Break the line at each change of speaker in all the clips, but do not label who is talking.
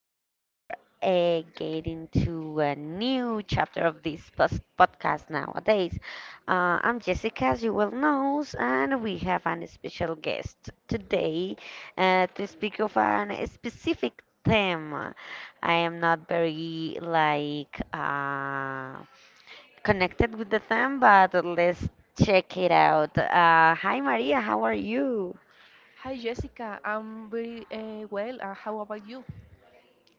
for getting to a new chapter of this podcast nowadays. I'm Jessica, as you well know, and we have an special guest today to speak of a specific theme. I am not very like connected with the theme, but let's check it out. Hi Maria, how are you?
Hi Jessica, I'm very well. How about you?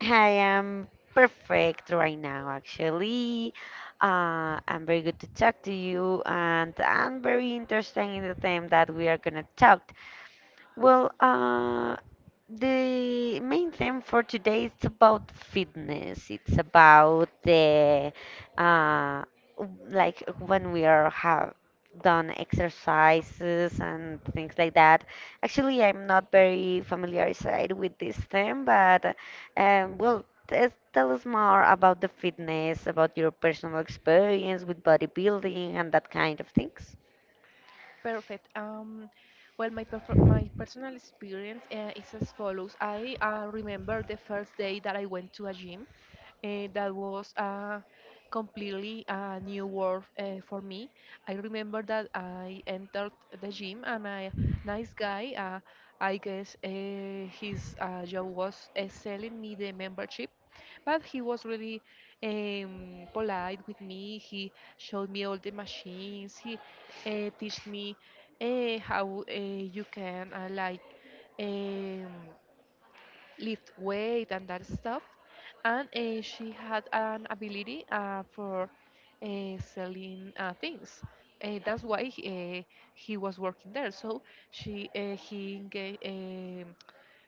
I am perfect right now, actually. I'm very good to talk to you, and I'm very interested in the theme that we are gonna talk. Well, the main theme for today is about fitness. It's about the uh, like when we are have done exercises and things like that. Actually, I'm not very familiarized with this theme, but well, tell us more about the fitness, about your personal experience with bodybuilding and that kind of things.
Perfect. Well, my personal experience is as follows. I remember the first day that I went to a gym. That was a completely a new world for me. I remember that I entered the gym and a nice guy, I guess his job was selling me the membership, but he was really polite with me. He showed me all the machines. He taught me how you can Um, lift weight and that stuff. And she had an ability for selling things. That's why he was working there. So she he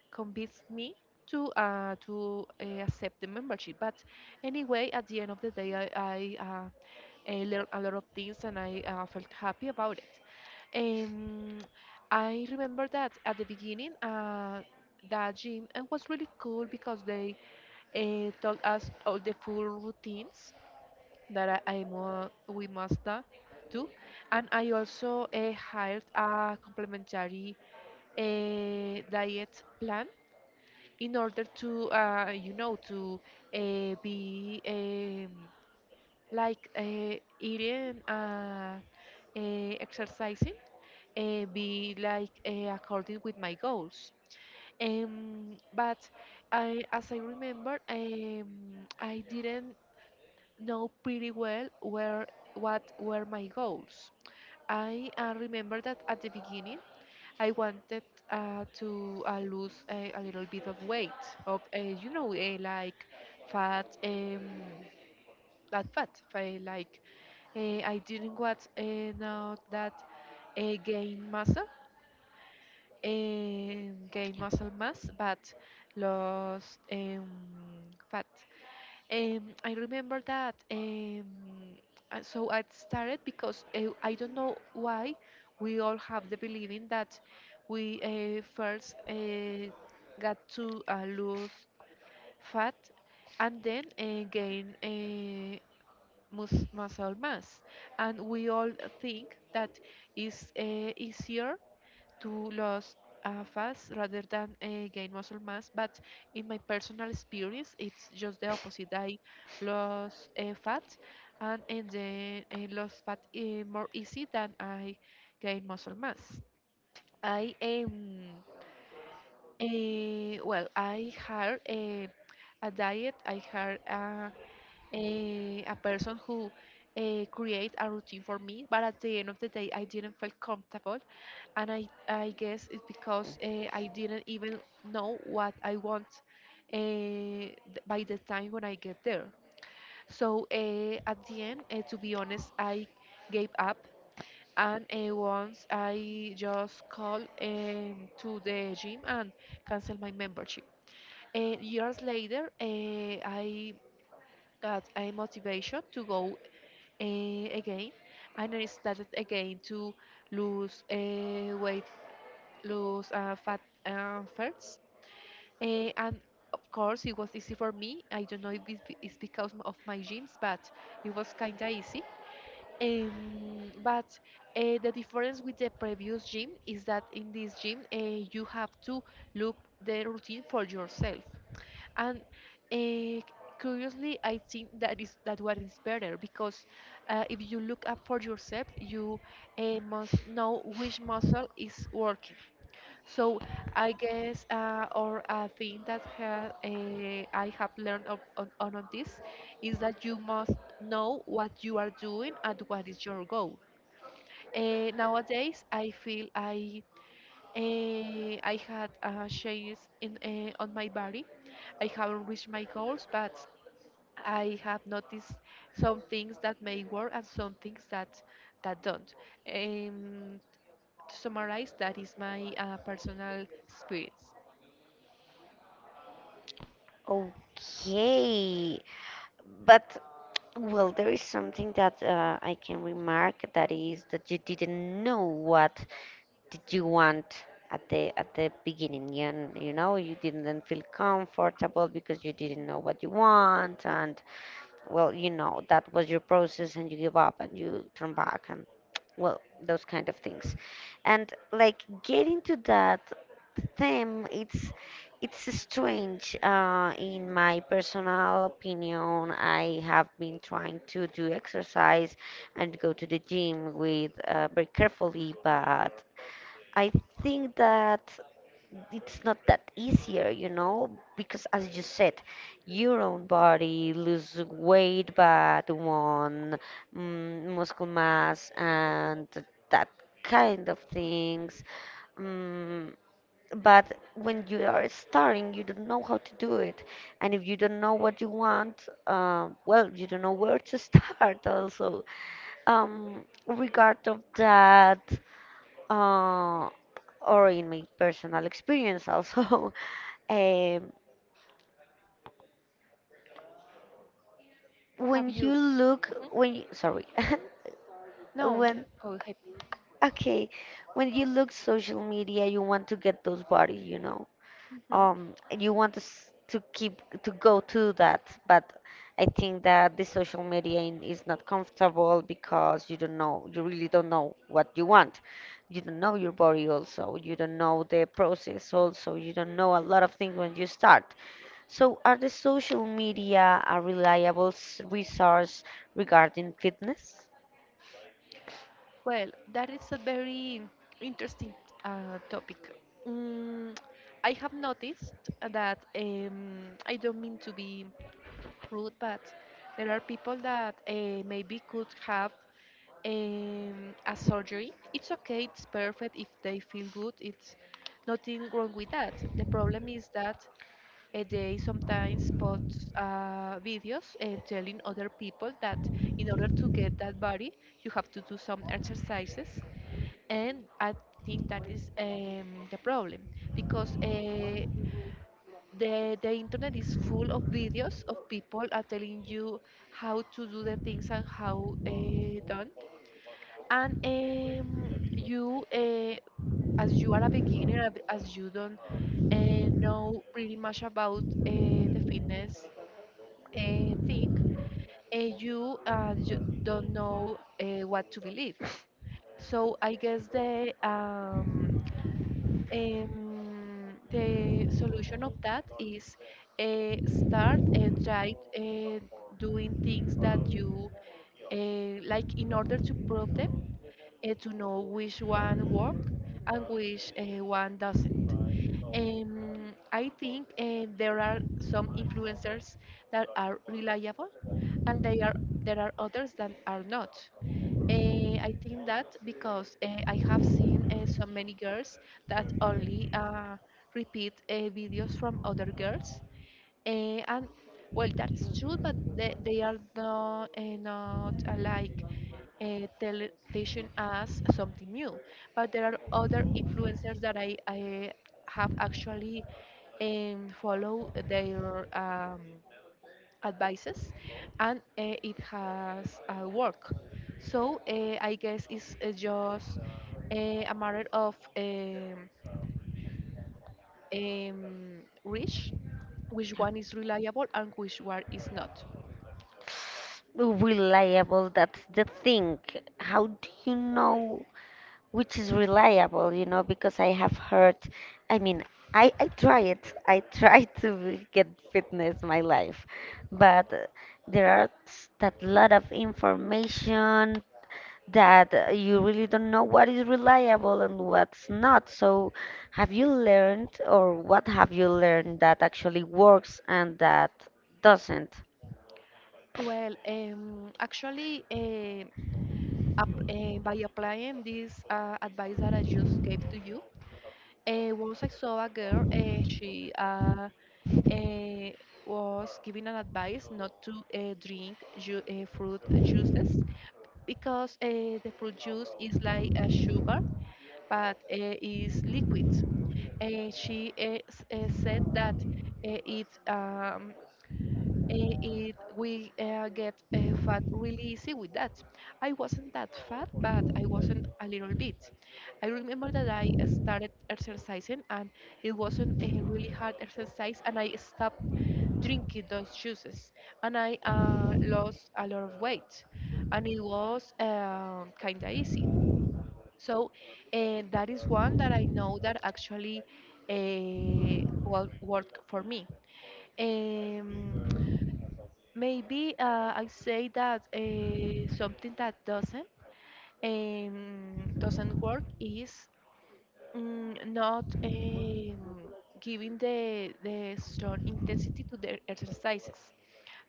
convinced me to accept the membership. But anyway, at the end of the day, I learned a lot of things and I felt happy about it. Um, I remember that at the beginning, that gym was really cool because they told us all the full routines that we do, and I also hired a complementary diet plan in order to, to be like eating, exercising be like according with my goals. But I, as I remember, I didn't know pretty well where what were my goals. I remember that at the beginning I wanted to lose a little bit of weight, of like fat, not fat, like uh, I didn't want not that uh, gain muscle gain muscle mass but lost fat. I remember that. So I started because I don't know why we all have the believing that we first got to lose fat and then gain muscle mass. And we all think that is easier to lose fast rather than gain muscle mass. But in my personal experience, it's just the opposite. I lost fat and then lost fat more easy than I gain muscle mass. I Well, I had a diet. I had a person who create a routine for me, but at the end of the day, I didn't feel comfortable and I guess it's because I didn't even know what I want uh, th- by the time when I get there. So at the end, to be honest, I gave up. And once I just called to the gym and canceled my membership. And years later, I got a motivation to go again, and I started again to lose weight lose fat first. And of course, it was easy for me. I don't know if it's because of my genes, but it was kind of easy. But the difference with the previous gym is that in this gym, you have to look the routine for yourself. And uh, curiously, I think that is that one is better because if you look up for yourself, you must know which muscle is working. So I guess, or a thing that ha I have learned on of this is that you must know what you are doing and what is your goal. Nowadays, I feel I had changes in on my body. I haven't reached my goals, but I have noticed some things that may work and some things that that don't. Um, to summarize, that is my personal experience.
Okay, but well, there is something that I can remark, that is that you didn't know what did you want at the beginning. And you didn't feel comfortable because you didn't know what you want, and well, that was your process, and you give up and you turn back, well, those kind of things. And like getting to that theme, it's strange. In my personal opinion, I have been trying to do exercise and go to the gym with very carefully, but I think that it's not that easier, because as you said, your own body lose weight, but one muscle mass and that kind of things. Mm, but when you are starting, you don't know how to do it, and if you don't know what you want, well, you don't know where to start also. Regard of that, uh, or in my personal experience also. Um,
Have
when you
you?
look,
Mhm.
when you, sorry,
No.
when
Oh, hey.
okay, when you look social media, you want to get those bodies.
Mhm.
And you want to to keep to go to that, but I think that the social media is not comfortable because you really don't know what you want. You don't know your body also. You don't know the process also. You don't know a lot of things when you start. So, are the social media a reliable resource regarding fitness?
Well, that is a very interesting topic. Mm, I have noticed that, I don't mean to be rude, but there are people that maybe could have a surgery. It's okay. It's perfect if they feel good. It's nothing wrong with that. The problem is that they sometimes post videos telling other people that in order to get that body, you have to do some exercises. And I think that is the problem because the internet is full of videos of people are telling you how to do the things and how done. And you, uh, as you are a beginner, as you don't know pretty much about the fitness think you don't know what to believe. So I guess the solution of that is start try doing things that you like in order to prove them to know which one work and which one doesn't. I think there are some influencers that are reliable, and they are there are others that are not. I think that because I have seen so many girls that only repeat videos from other girls. And well, that's true, but they are not like tele teaching us something new. But there are other influencers that I have actually follow their advices, and it has worked. So I guess it's just uh, a matter of reach, which
Yeah.
one is reliable and which one is not.
Reliable, that's the thing. How do you know which is reliable? Because I have heard, I mean, I try it. I try to get fitness my life, but there are that lot of information, that you really don't know what is reliable and what's not. So, have you learned, or what have you learned that actually works and that doesn't?
Well, actually, by applying this advice that I just gave to you, once I saw a girl, she uh, was giving an advice not to drink ju fruit juices because the fruit juice is like a sugar but is liquid. And she said that it eh, it we get fat really easy with that. I wasn't that fat, but I wasn't a little bit. I remember that I started exercising, and it wasn't a really hard exercise, and I stopped drinking those juices, and I lost a lot of weight, and it was kind of easy. So that is one that I know that actually well worked for me. Um, Maybe I say that something that doesn't work is, not giving the strong intensity to the exercises.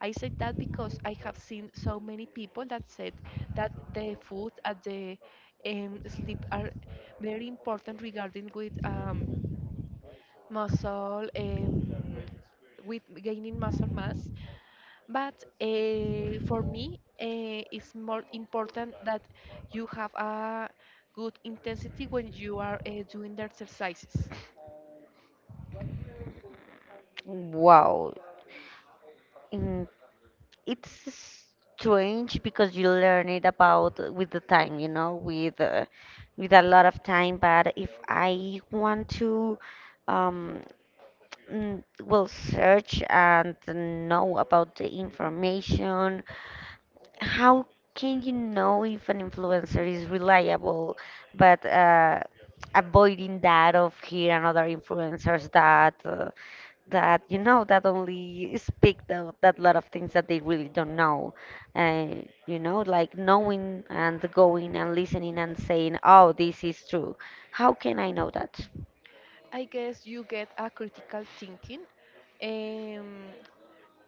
I say that because I have seen so many people that said that the food and the sleep are very important regarding with muscle, um, with gaining muscle mass. But for me, it's more important that you have a good intensity when you are doing the exercises.
Wow. Mm, it's strange because you learn it about with the time, with a lot of time. But if I want to, um, well, search and know about the information, how can you know if an influencer is reliable, but avoiding that of here and other influencers that that you know that only speak the, that lot of things that they really don't know. uh, like knowing and going and listening and saying, oh, this is true, how can I know that?
I guess you get a critical thinking. Um,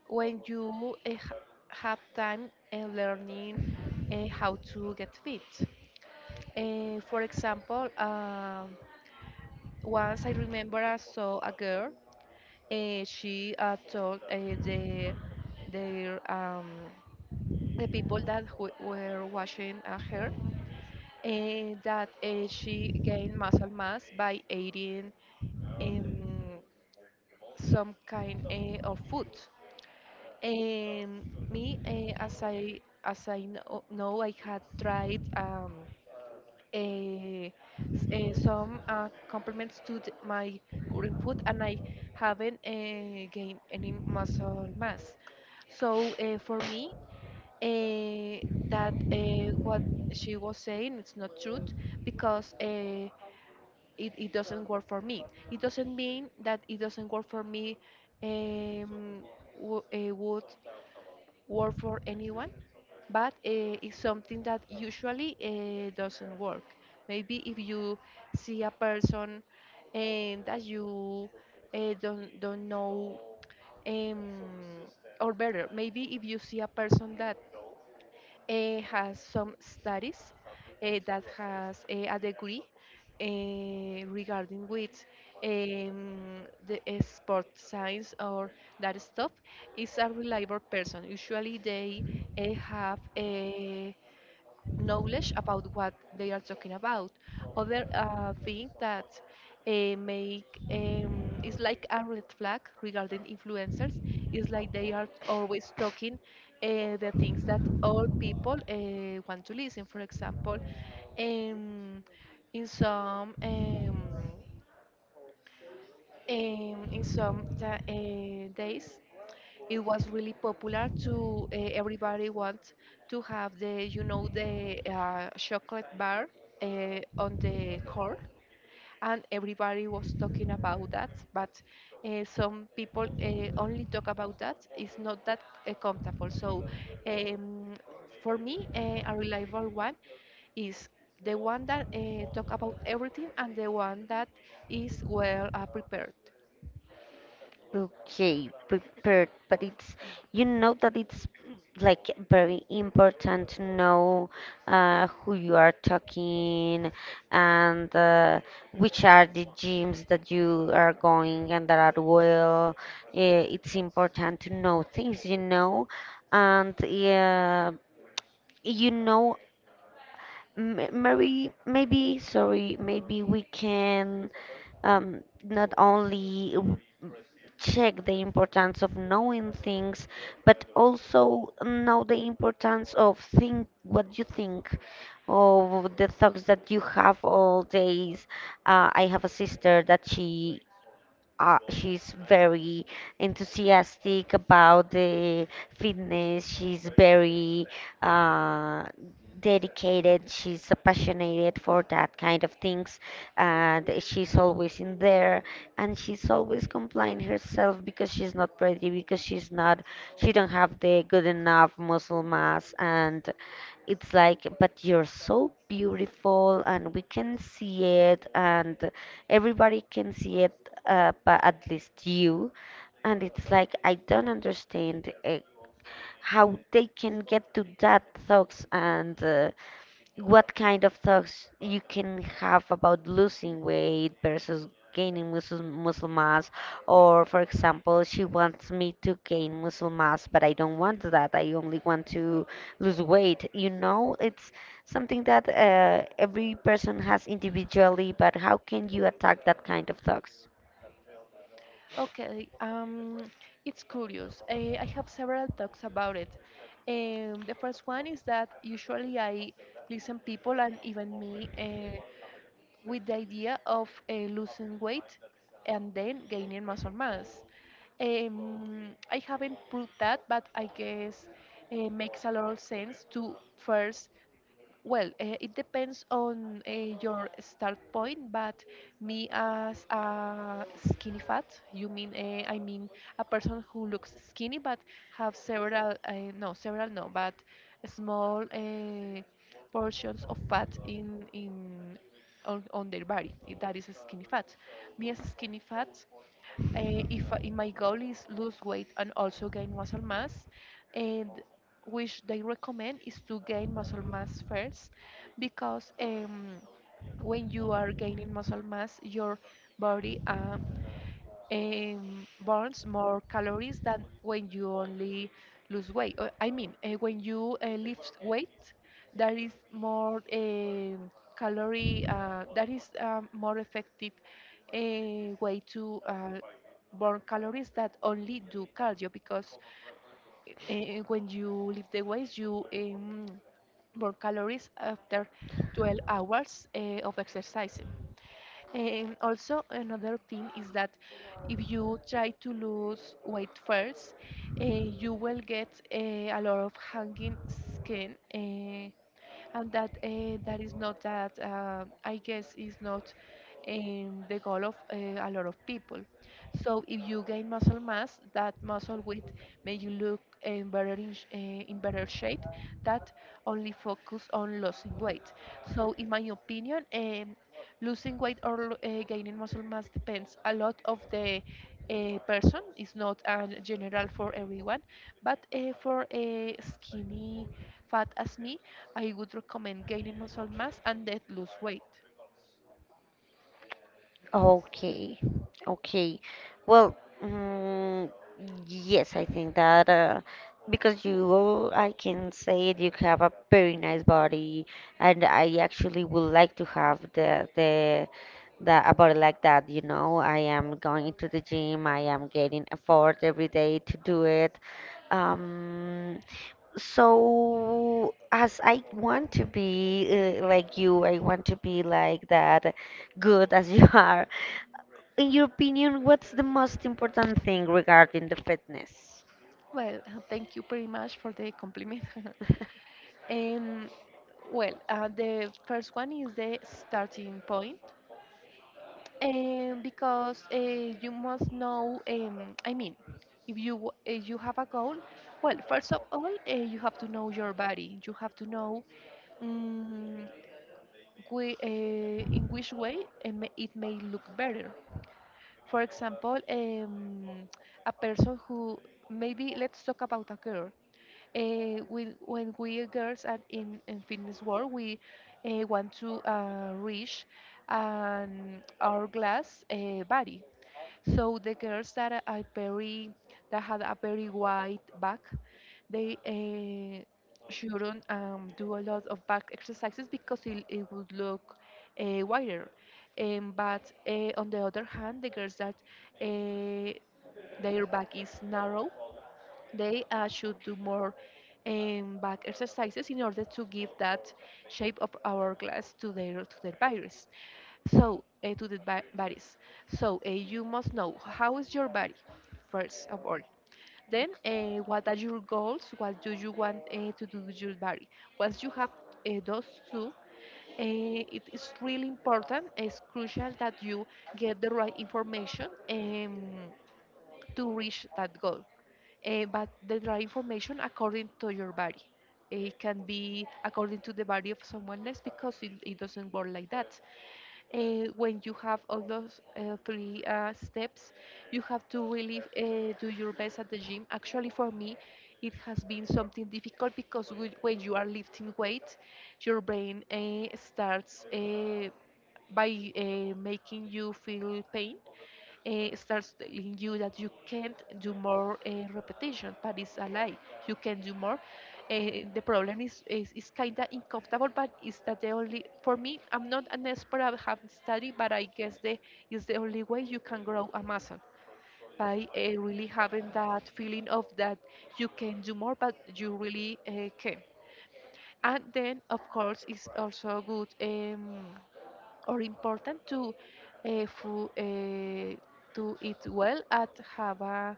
when you have time and learning how to get fit. For example, once I remember I saw a girl. Eh, she told their um, the people that who were watching her that she gained muscle mass by eating um, some kind of food. Um, as I know, I had tried eh, some compliments to my current food, and I haven't gained any muscle mass. So for me, uh, that what she was saying it's not truth because it doesn't work for me. It doesn't mean that it doesn't work for me. Um, w- uh, Work for anyone, but it's something that usually doesn't work. Maybe if you see a person and that you don't know, um, or better, maybe if you see a person that has some studies that has a degree regarding with um, the sport science or that stuff is a reliable person. Usually they have knowledge about what they are talking about. Other thing that make is like a red flag regarding influencers is like they are always talking the things that all people want to listen. For example, um, in some um, in some days it was really popular to, everybody wants to have the, you know, the chocolate bar on the core, and everybody was talking about that. But some people only talk about that. It's not that comfortable. So um, for me, a reliable one is the one that talk about everything and the one that is well prepared.
Okay, prepared, but it's that it's like very important to know who you are talking, and which are the gyms that you are going and that are well. It's important to know things, and yeah, you know, m- maybe maybe sorry, maybe we can not only check the importance of knowing things, but also know the importance of think what you think, of the thoughts that you have all days. I have a sister that she's very enthusiastic about the fitness. She's very uh, dedicated. She's passionate for that kind of things, and she's always in there. And she's always complying herself because she's not pretty, because she don't have the good enough muscle mass. And it's like, but you're so beautiful and we can see it, and everybody can see it, but at least you. And it's like, I don't understand how they can get to that thoughts, and what kind of thoughts you can have about losing weight versus gaining muscle mass. Or for example, she wants me to gain muscle mass, but I don't want that. I only want to lose weight. It's something that every person has individually, but how can you attack that kind of thoughts?
Okay, it's curious. I have several talks about it. The first one is that usually I listen people and even me with the idea of losing weight and then gaining muscle mass. I haven't proved that, but I guess it makes a lot of sense to first it depends on your start point, but me as a skinny fat, you mean I mean a person who looks skinny but have several no several no but small portions of fat in, on their body. That is a skinny fat. Me as a skinny fat, if my goal is lose weight and also gain muscle mass and which they recommend is to gain muscle mass first because when you are gaining muscle mass your body burns more calories than when you only lose weight. When you lift weight, that is more calorie. That is more effective uh, way to burn calories that only do cardio because uh, when you lift the weights, you burn calories after 12 hours of exercising. And also, another thing is that if you try to lose weight first, you will get a lot of hanging skin, and that is not that I guess is not the goal of a lot of people. So if you gain muscle mass, that muscle weight make you look in better in better shape. That only focus on losing weight. So in my opinion, losing weight or gaining muscle mass depends a lot of the a person. It's not general for everyone but for a skinny fat as me, I would recommend gaining muscle mass and then lose weight.
Okay, okay. Well, mm, yes, I think that because you, I can say it, you have a very nice body, and I actually would like to have the a body like that. I am going to the gym. I am getting effort every day to do it. Um, so as I want to be like you, I want to be like that. Good as you are. In your opinion, what's the most important thing regarding the fitness?
Well, thank you pretty much for the compliment. and the first one is the starting point, and because you must know. I mean, if you have a goal, well, first of all, you have to know your body. You have to know um, we, uh, in which way it may look better. For example, a person who maybe, let's talk about a girl. When we girls are in fitness world, we want to reach an hourglass body. So the girls that are very that had a very wide back, they shouldn't do a lot of back exercises because it would look wider. But on the other hand, the girls that uh, their back is narrow, they should do more back exercises in order to give that shape of hourglass to their bodies. So, uh, to the ba- bodies. So, you must know how is your body, first of all. Then, what are your goals? What do you want to do with your body? Once you have those two, uh, it is really important. It's crucial that you get the right information to reach that goal. But the right information according to your body. It can be according to the body of someone else because it doesn't work like that. When you have all those three steps, you have to really do your best at the gym. Actually, for me, it has been something difficult because when you are lifting weight, your brain starts by making you feel pain, starts telling you that you can't do more repetition, but it's a lie. You can do more. The problem is is kind of uncomfortable, but it's that the only for me. I'm not an expert. I haven't studied, but I guess the is the only way you can grow a muscle by really having that feeling of that you can do more, but you really can. And then, of course, it's also good. Or important to uh, fu- uh, to eat well and have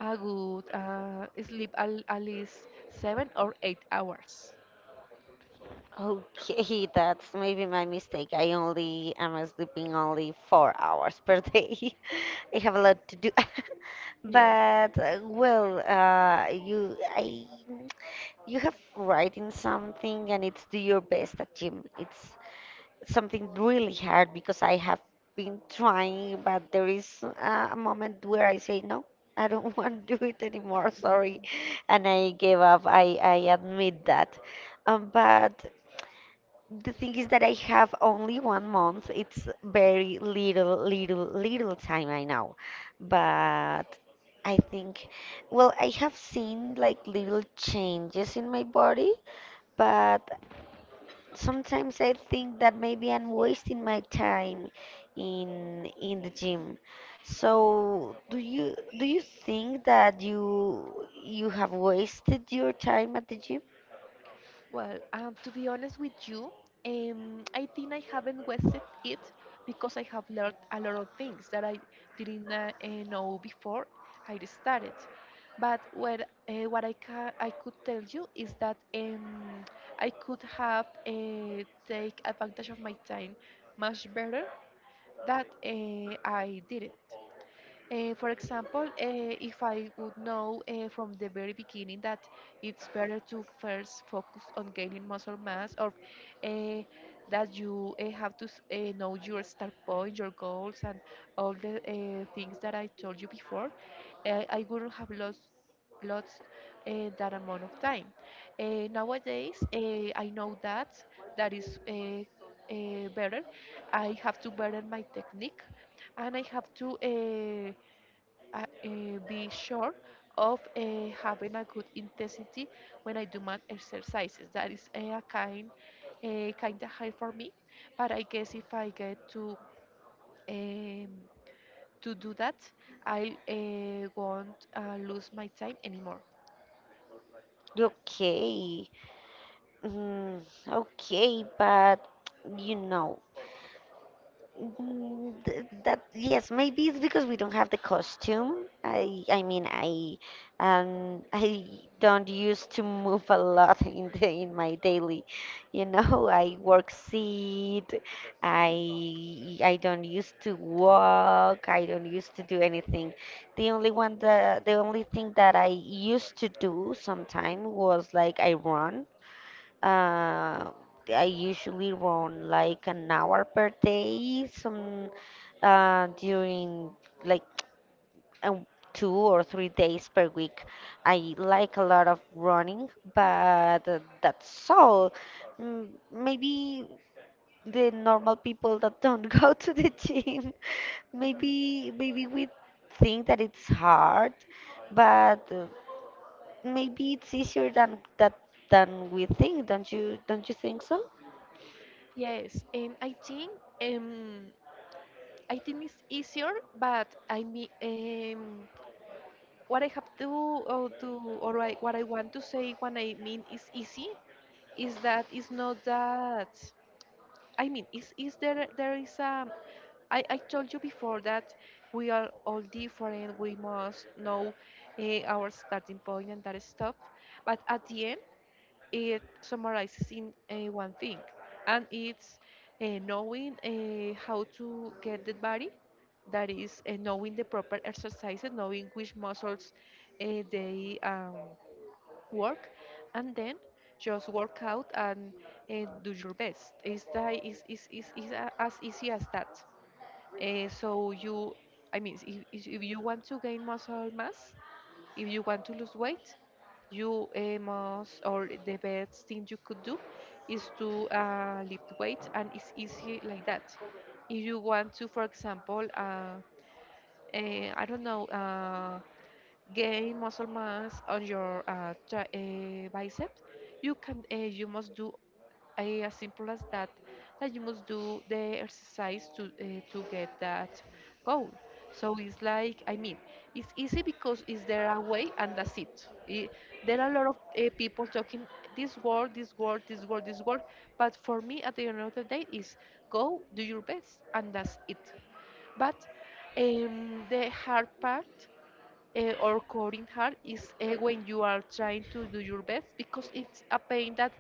a good sleep at least 7 or 8 hours.
Okay, that's maybe my mistake. I only am sleeping only 4 hours per day. I have a lot to do.
Oh,
But well, you have writing something, and it's do your best at gym. It's something really hard because I have been trying, but there is a moment where I say, no, I don't want to do it anymore, sorry. And I gave up. I admit that. But the thing is that I have only 1 month. It's very little, little, little time I know. But I think, well, I have seen like little changes in my body, but sometimes I think that maybe I'm wasting my time in the gym. So do you think that you have wasted your time at the gym?
well, to be honest with you, I think I haven't wasted it because I have learned a lot of things that I didn't know before I started. But what I could tell you is that I could have take advantage of my time much better that I did it. For example, if I would know from the very beginning that it's better to first focus on gaining muscle mass, or uh, that you have to know your start point, your goals, and all the things that I told you before, I wouldn't have lost lots that amount of time. Nowadays, I know that that is better. I have to better my technique, and I have to. Be sure of having a good intensity when I do my exercises. That is a kind of high for me. But I guess if I get um, to do that, I won't lose my time anymore.
Okay. Mm, okay, but you know. Mm, That yes, maybe it's because we don't have the costume. I mean, I don't used to move a lot in the, in my daily. I work seat. I don't used to walk. I don't used to do anything. The only thing that I used to do sometime was like I run. Uh, I usually run like an hour per day, some during like um, 2 or 3 days per week. I like a lot of running, but that's all. Maybe the normal people that don't go to the gym, maybe we think that it's hard, but maybe it's easier than that than we think. Don't you think so?
Yes, and um, I think it's easier, but I mean, what I have to what I want to say when I mean is easy is that it's not that I mean, is there is I told you before that we are all different. We must know our starting point and that stuff. But at the end, it summarizes in one thing, and it's knowing how to get the body. That is knowing the proper exercises, knowing which muscles they work, and then just work out and do your best. It's, that, it's a- As easy as that. So you, I mean if you want to gain muscle mass, if you want to lose weight, you must, or the best thing you could do is to lift weight, and it's easy like that. If you want to, for example, I don't know, gain muscle mass on your biceps, you can you must do as simple as that, that you must do the exercise to get that goal. So it's like, I mean, it's easy because is there a way and that's it. There are a lot of people talking this word, this word, this word, this word, but for me at the end of the day is go do your best and that's it. But the hard part or coding hard is when you are trying to do your best because it's a pain that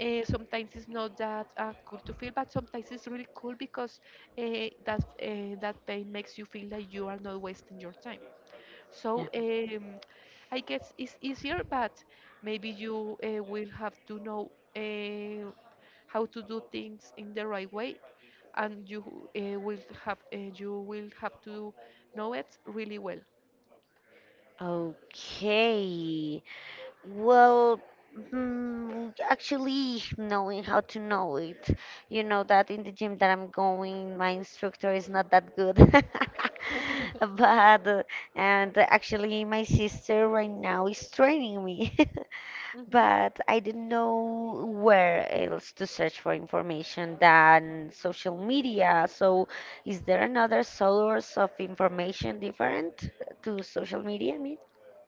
sometimes is not that cool to feel, but sometimes it's really cool because uh, that that pain makes you feel like you are not wasting your time. So I guess it's easier, but maybe you will have to know how to do things in the right way, and you will have you will have to know it really well.
Okay. Well, actually, knowing how to know it, you know that in the gym that I'm going, my instructor is not that good. But, and actually, my sister right now is training me.
Mhm.
But I didn't know where else to search for information than social media. So, is there another source of information different to social media? I mean?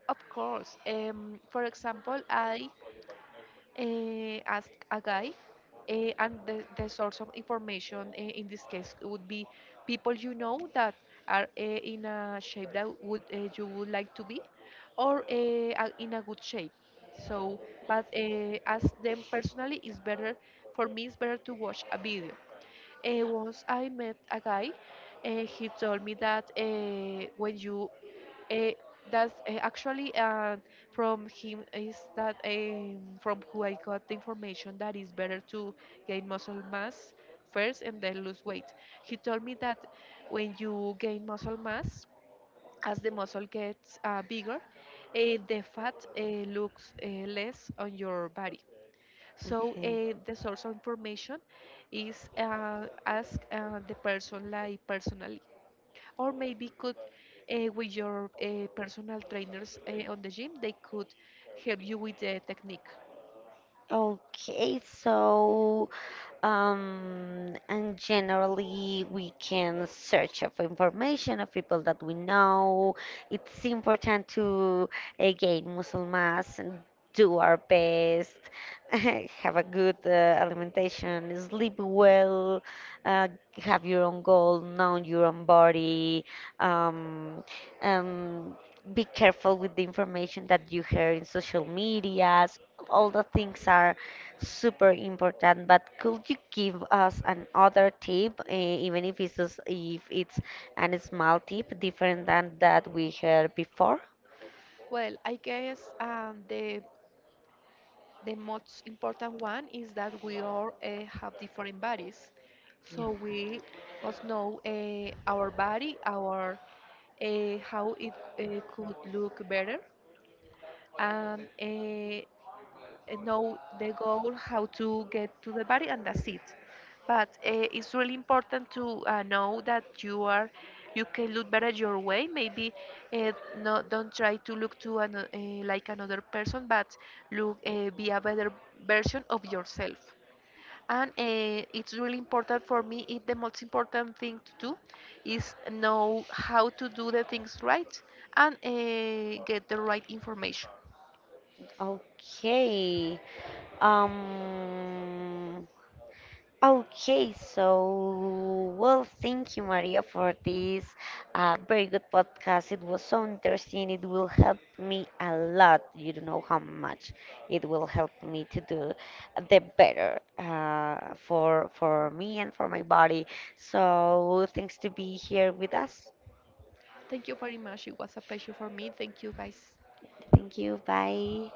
Of course. For example, I asked a guy, and the source of information in this case would be people you know that are in a shape that would you would like to be, or are in a good shape. So, but ask them personally is better. For me, it's better to watch a video. Once I met a guy, he told me that when you uh, that's actually from him is that from who I got the information that it's better to gain muscle mass first and then lose weight. He told me that when you gain muscle mass, as the muscle gets bigger, the fat looks less on your body. So
Okay.
the source of information is ask the person, like personally, or maybe could with your personal trainers on the gym they could help you with the technique.
Okay, so and generally we can search of information of people that we know. It's important to again Muslims and do our best, have a good alimentation, sleep well, uh, have your own goal, know your own body, um, um, be careful with the information that you hear in social medias. All the things are super important, but could you give us another tip, even if it's a small tip, different than that we heard before?
Well, I guess the most important one is that we all have different bodies,
Yeah.
so we must know our body, our how it could look better, and know the goal, how to get to the body, and that's it. But it's really important to know that you are, you can look better your way. Maybe uh, no, don't try to look to like another person, but look, be a better version of yourself. And it's really important for me. It the most important thing to do is know how to do the things right and get the right information.
Okay. Um, Okay, so well, thank you, Maria, for this very good podcast. It was so interesting. It will help me a lot. You don't know how much it will help me to do the better for me and for my body. So thanks to be here with us.
Thank you very much. It was a pleasure for me. Thank you, guys.
Thank you. Bye.